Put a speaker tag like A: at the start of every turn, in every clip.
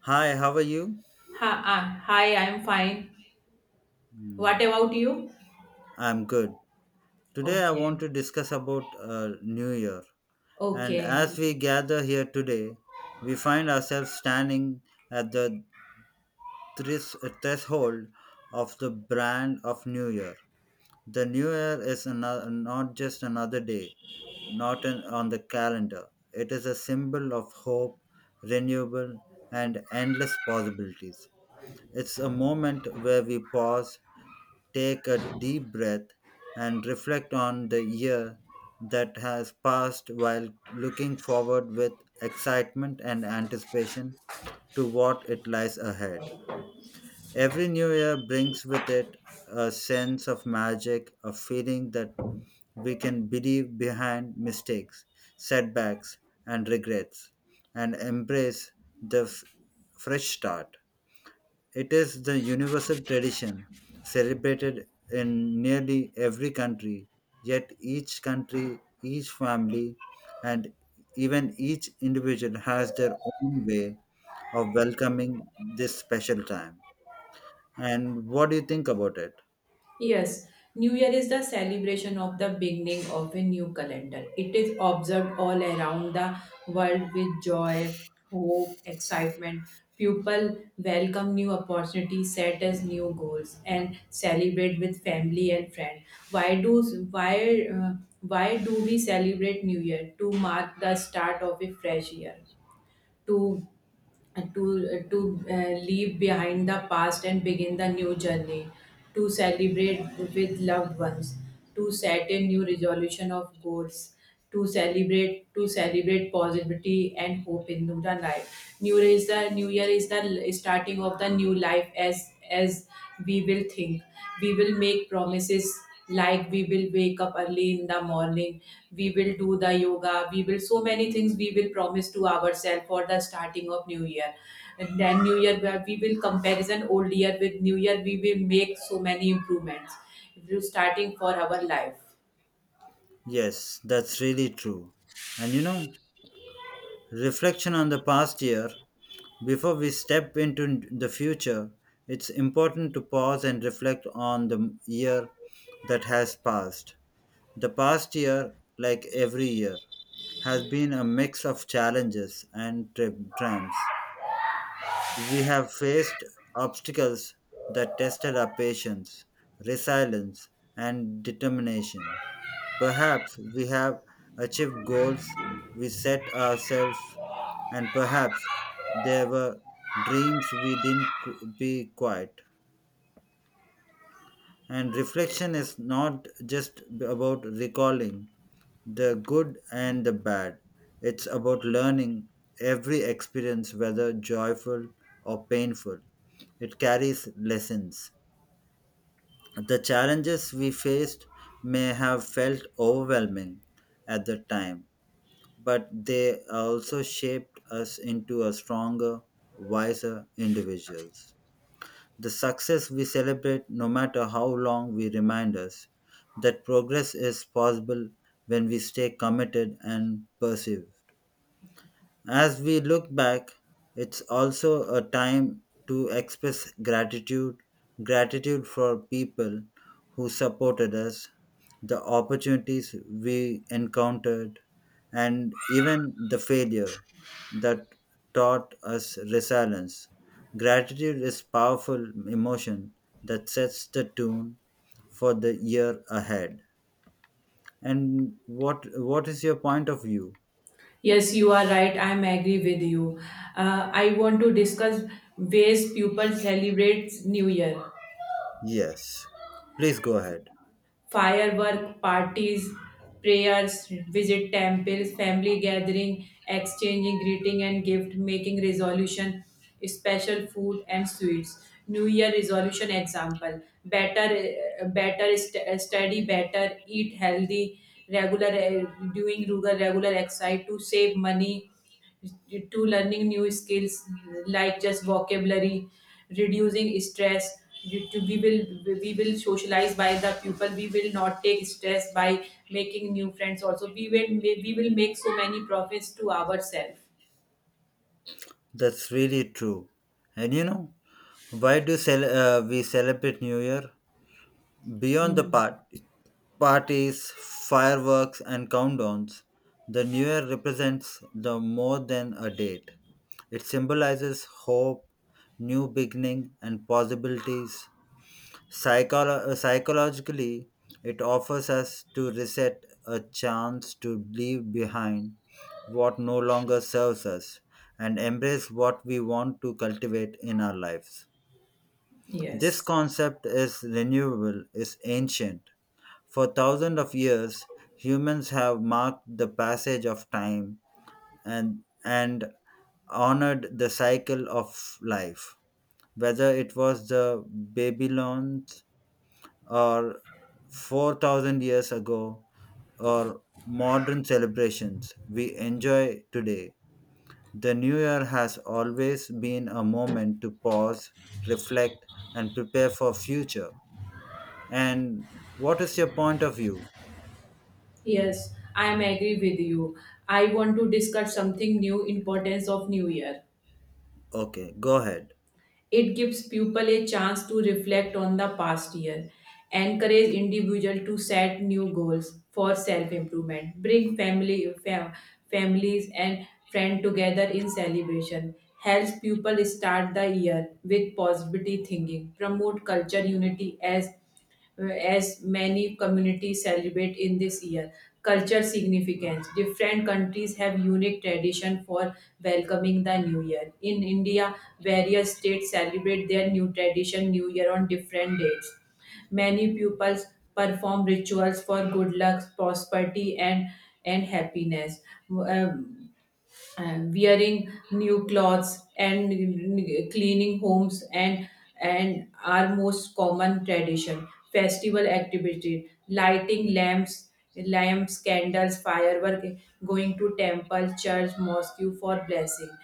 A: Hi, how are you?
B: Hi, I'm fine. What
A: Hmm.
B: about you?
A: I'm good. Today I want
B: Okay.
A: to discuss about New Year. And
B: Okay.
A: as we gather here today, we find ourselves standing at the threshold of the brand of New Year. The New Year is another, not just another day, not an, on the calendar. It is a symbol of hope, renewable, and endless possibilities. It's a moment where we pause, take a deep breath and reflect on the year that has passed while looking forward with excitement and anticipation to what it lies ahead. Every new year brings with it a sense of magic, a feeling that we can believe behind mistakes, setbacks, and regrets, and embrace the fresh start. It is the universal tradition celebrated in nearly every country, yet each country, each family, and even each individual has their own way of welcoming this special time. And what do you think about it?
B: Yes, New Year is the celebration of the beginning of a new calendar. It is observed all around the world with joy, hope, excitement. People welcome new opportunities, set as new goals, and celebrate with family and friends. Why do why uh, why do we celebrate New Year? To mark the start of a fresh year. To to leave behind the past and begin the new journey, to celebrate with loved ones, to set a new resolution of goals, to celebrate positivity and hope in the life. New year is the new year is the l- starting of the new life. As we will think, we will make promises, like we will wake up early in the morning, we will do the yoga, we will so many things, we will promise to ourselves for the starting of new year. And then new year, where we will comparison old year with new year, we will make so many improvements. If you starting for our life.
A: Yes, that's really true. And you know, reflection on the past year, before we step into the future, it's important to pause and reflect on the year that has passed. The past year, like every year, has been a mix of challenges and triumphs. We have faced obstacles that tested our patience, resilience, and determination. Perhaps we have achieved goals we set ourselves, and perhaps there were dreams we didn't be quite. And reflection is not just about recalling, the good and the bad. It's about learning every experience, whether joyful or painful. It carries lessons. The challenges we faced may have felt overwhelming at the time, but they also shaped us into a stronger, wiser individuals. The success we celebrate, no matter how long we remind us that progress is possible when we stay committed and persevere. As we look back, it's also a time to express gratitude gratitude for people who supported us, the opportunities we encountered, and even the failure that taught us resilience. Gratitude is powerful emotion that sets the tune for the year ahead. And what is your point of view?
B: Yes, you are right, I am agree with you. I want to discuss ways people celebrate new year.
A: Yes. Please go ahead.
B: Firework parties, prayers, visit temples, family gathering, exchanging greeting and gift making resolution, special food and sweets. New Year resolution example: better, study, better eat healthy, regular doing regular exercise, to save money, to learning new skills, like just vocabulary, reducing stress. You- to We will socialize by the people, we will not take stress by making new friends, also we will make so many profits to ourselves.
A: That's really true. And you know, why do we celebrate New Year? Beyond the
B: Mm,
A: parties, fireworks, and countdowns, the New Year represents the more than a date. It symbolizes hope, new beginning, and possibilities. Psychologically, it offers us to reset a chance to leave behind what no longer serves us and embrace what we want to cultivate in our lives. This
B: yes,
A: concept is renewable, is ancient. For thousands of years, humans have marked the passage of time and honored the cycle of life. Whether it was the Babylons or 4000 years ago or modern celebrations we enjoy today. The new year has always been a moment to pause, reflect and prepare for future. And what is your point of view?
B: yes, I am agree with you. I want to discuss something new, importance of new year.
A: Okay, go ahead.
B: It gives people a chance to reflect on the past year, encourage individual to set new goals for self-improvement, bring family families and friends together in celebration, helps people start the year with positivity thinking, promote culture unity, as many communities celebrate in this year. Culture significance. Different countries have unique tradition for welcoming the new year. In India, various states celebrate their new tradition new year on different dates. Many pupils perform rituals for good luck, prosperity and happiness. Um, and wearing new clothes, and cleaning homes, and our most common tradition festival activity, lighting lamps, candles, firework, going to temple church mosque for blessing,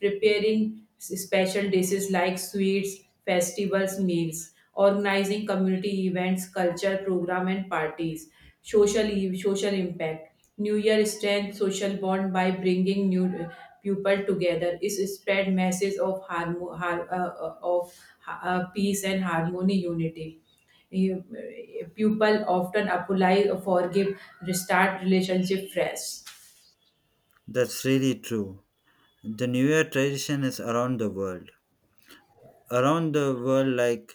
B: preparing special dishes like sweets festivals meals, organizing community events culture program and parties. Social impact. New Year strengthens social bond by bringing new people together. It spread message of peace and harmony, unity. People often apply, forgive, restart relationship fresh.
A: That's really true. The New Year tradition is around the world. Around the world, like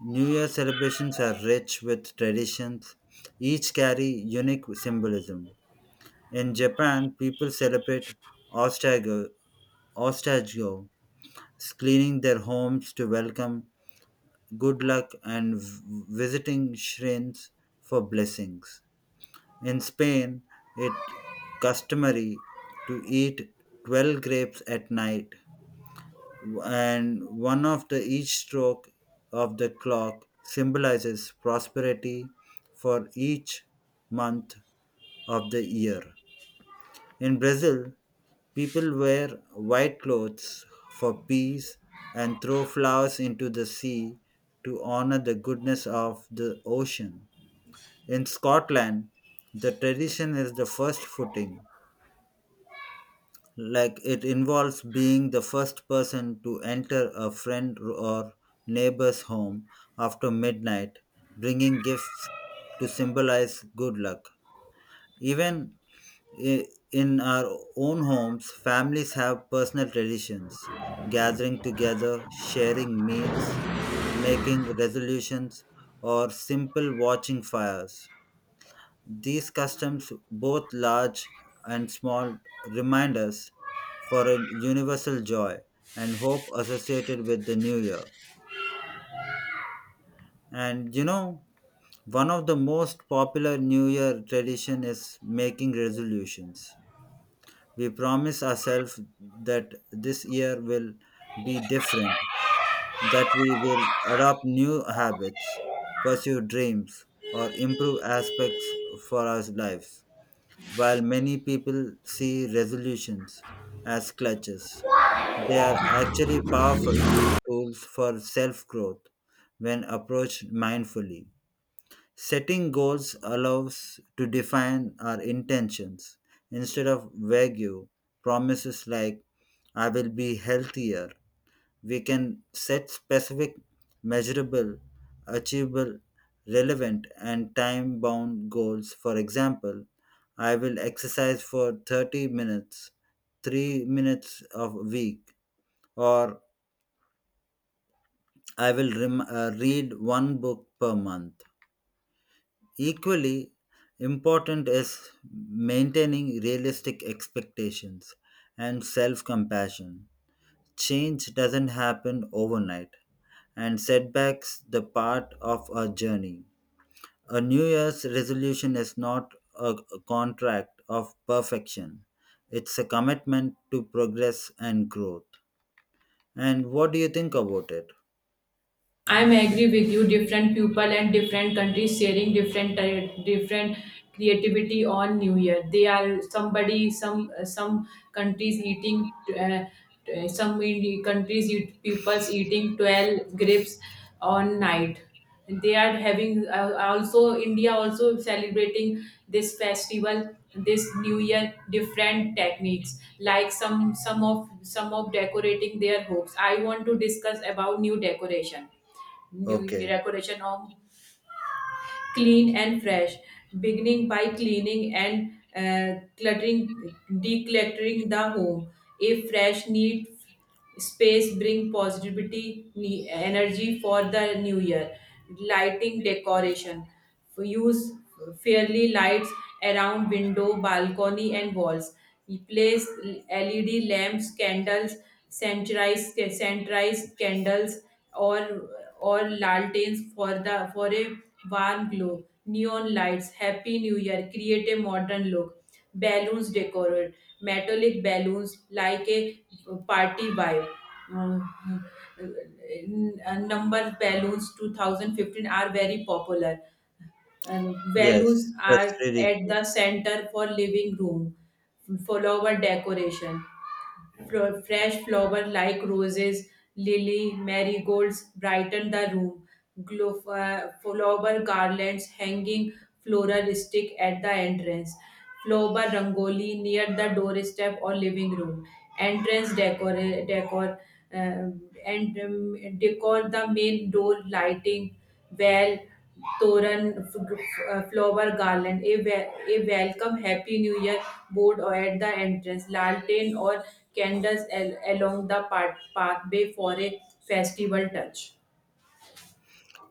A: New Year celebrations are rich with traditions, each carry unique symbolism. In Japan, people celebrate Ostago, Ostago, cleaning their homes to welcome good luck and visiting shrines for blessings. In Spain, it customary to eat 12 grapes at night and one of the each stroke of the clock symbolizes prosperity for each month of the year. In Brazil, people wear white clothes for peace and throw flowers into the sea to honor the goodness of the ocean. In Scotland, the tradition is the first footing, like it involves being the first person to enter a friend or neighbor's home after midnight, bringing gifts to symbolize good luck. Even I- in our own homes, families have personal traditions, gathering together, sharing meals, making resolutions, or simple watching fires. These customs, both large and small, remind us for a universal joy and hope associated with the new year. And you know, one of the most popular new year tradition is making resolutions. We promise ourselves that this year will be different, that we will adopt new habits, pursue dreams, or improve aspects for our lives. While many people see resolutions as clutches, they are actually powerful tools for self growth when approached mindfully. Setting goals allows to define our intentions instead of vague promises like I will be healthier. We can set specific, measurable, achievable, relevant, and time bound goals. For example, I will exercise for 30 minutes, 3 minutes of a week, or I will read one book per month. Equally important is maintaining realistic expectations and self compassion. Change doesn't happen overnight, and setbacks the part of a journey. A New Year's resolution is not a contract of perfection, it's a commitment to progress and growth. And what do you think about it?
B: I'm agree with you. Different people and different countries sharing different different creativity on New Year. They are somebody, some countries eating, uh, countries eat, people's eating 12 grapes on night, they are having, also india also celebrating this festival, this new year, different techniques, like some of decorating their hopes. I want to discuss about new decoration, new
A: Okay.
B: decoration of clean and fresh, beginning by cleaning and decluttering the home. A fresh, neat space bring positivity, energy for the new year. Lighting decoration. Use fairly lights around window, balcony, and walls. Place LED lamps, candles, centralized candles, or or lanterns for a warm glow. Neon lights. Happy New Year. Create a modern look. Balloons decorate. Metallic balloons like a party vibe. Um, Number balloons 2015 are very popular, and values
A: Yes, that's
B: are
A: really
B: at
A: true.
B: the center for living room. Flower decoration. Fresh flower like roses, lily, marigolds brighten the room. Flower garlands hanging floral at the entrance. Flower rangoli near the doorstep or living room entrance decor uh, decor the main door lighting, where Toran, flower garland, a welcome happy new year board or at the entrance, lantern or candles along the pathway for a festival touch.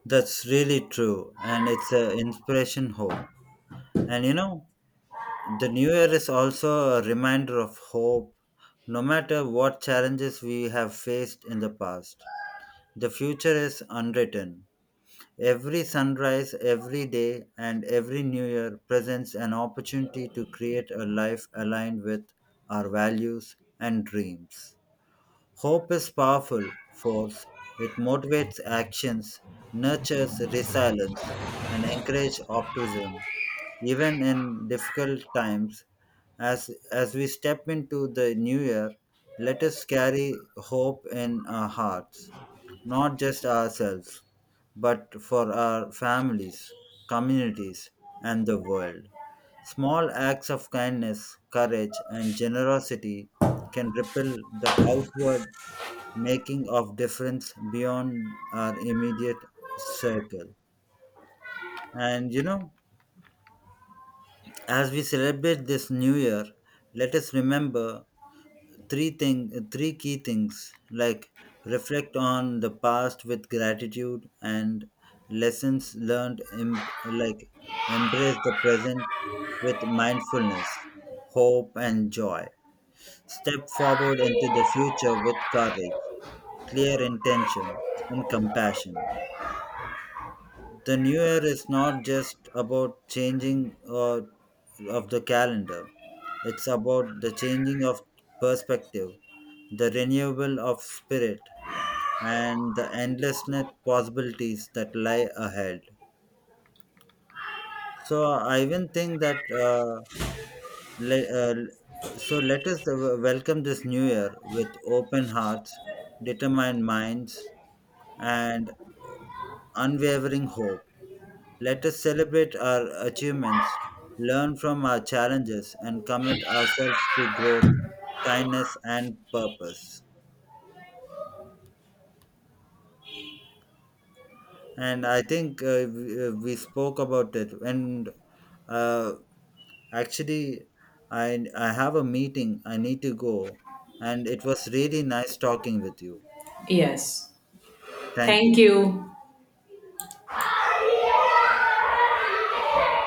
A: That's really true, and it's an inspiration hope. And you know, the new year is also a reminder of hope. No matter what challenges we have faced in the past, the future is unwritten. Every sunrise, every day, and every new year presents an opportunity to create a life aligned with our values and dreams. Hope is powerful force. It motivates actions, nurtures resilience, and encourages optimism even in difficult times as we step into the new year, let us carry hope in our hearts, not just ourselves but for our families, communities, and the world. Small acts of kindness, courage and generosity can ripple the outward, making of difference beyond our immediate circle. And you know, as we celebrate this new year, let us remember three thing, three key things like reflect on the past with gratitude and lessons learned like embrace the present with mindfulness, hope and joy. Step forward into the future with courage, clear intention and compassion. The new year is not just about changing of the calendar. It's about the changing of perspective, the renewal of spirit, and the endlessness possibilities that lie ahead. So I even think that le- uh, so let us welcome this new year with open hearts, determined minds, and unwavering hope. Let us celebrate our achievements, learn from our challenges, and commit ourselves to growth, kindness, and purpose. And I think we spoke about it. And uh, actually, I have a meeting, I need to go. And it was really nice talking with you.
B: Yes.
A: Thank
B: Thank
A: you.
B: you.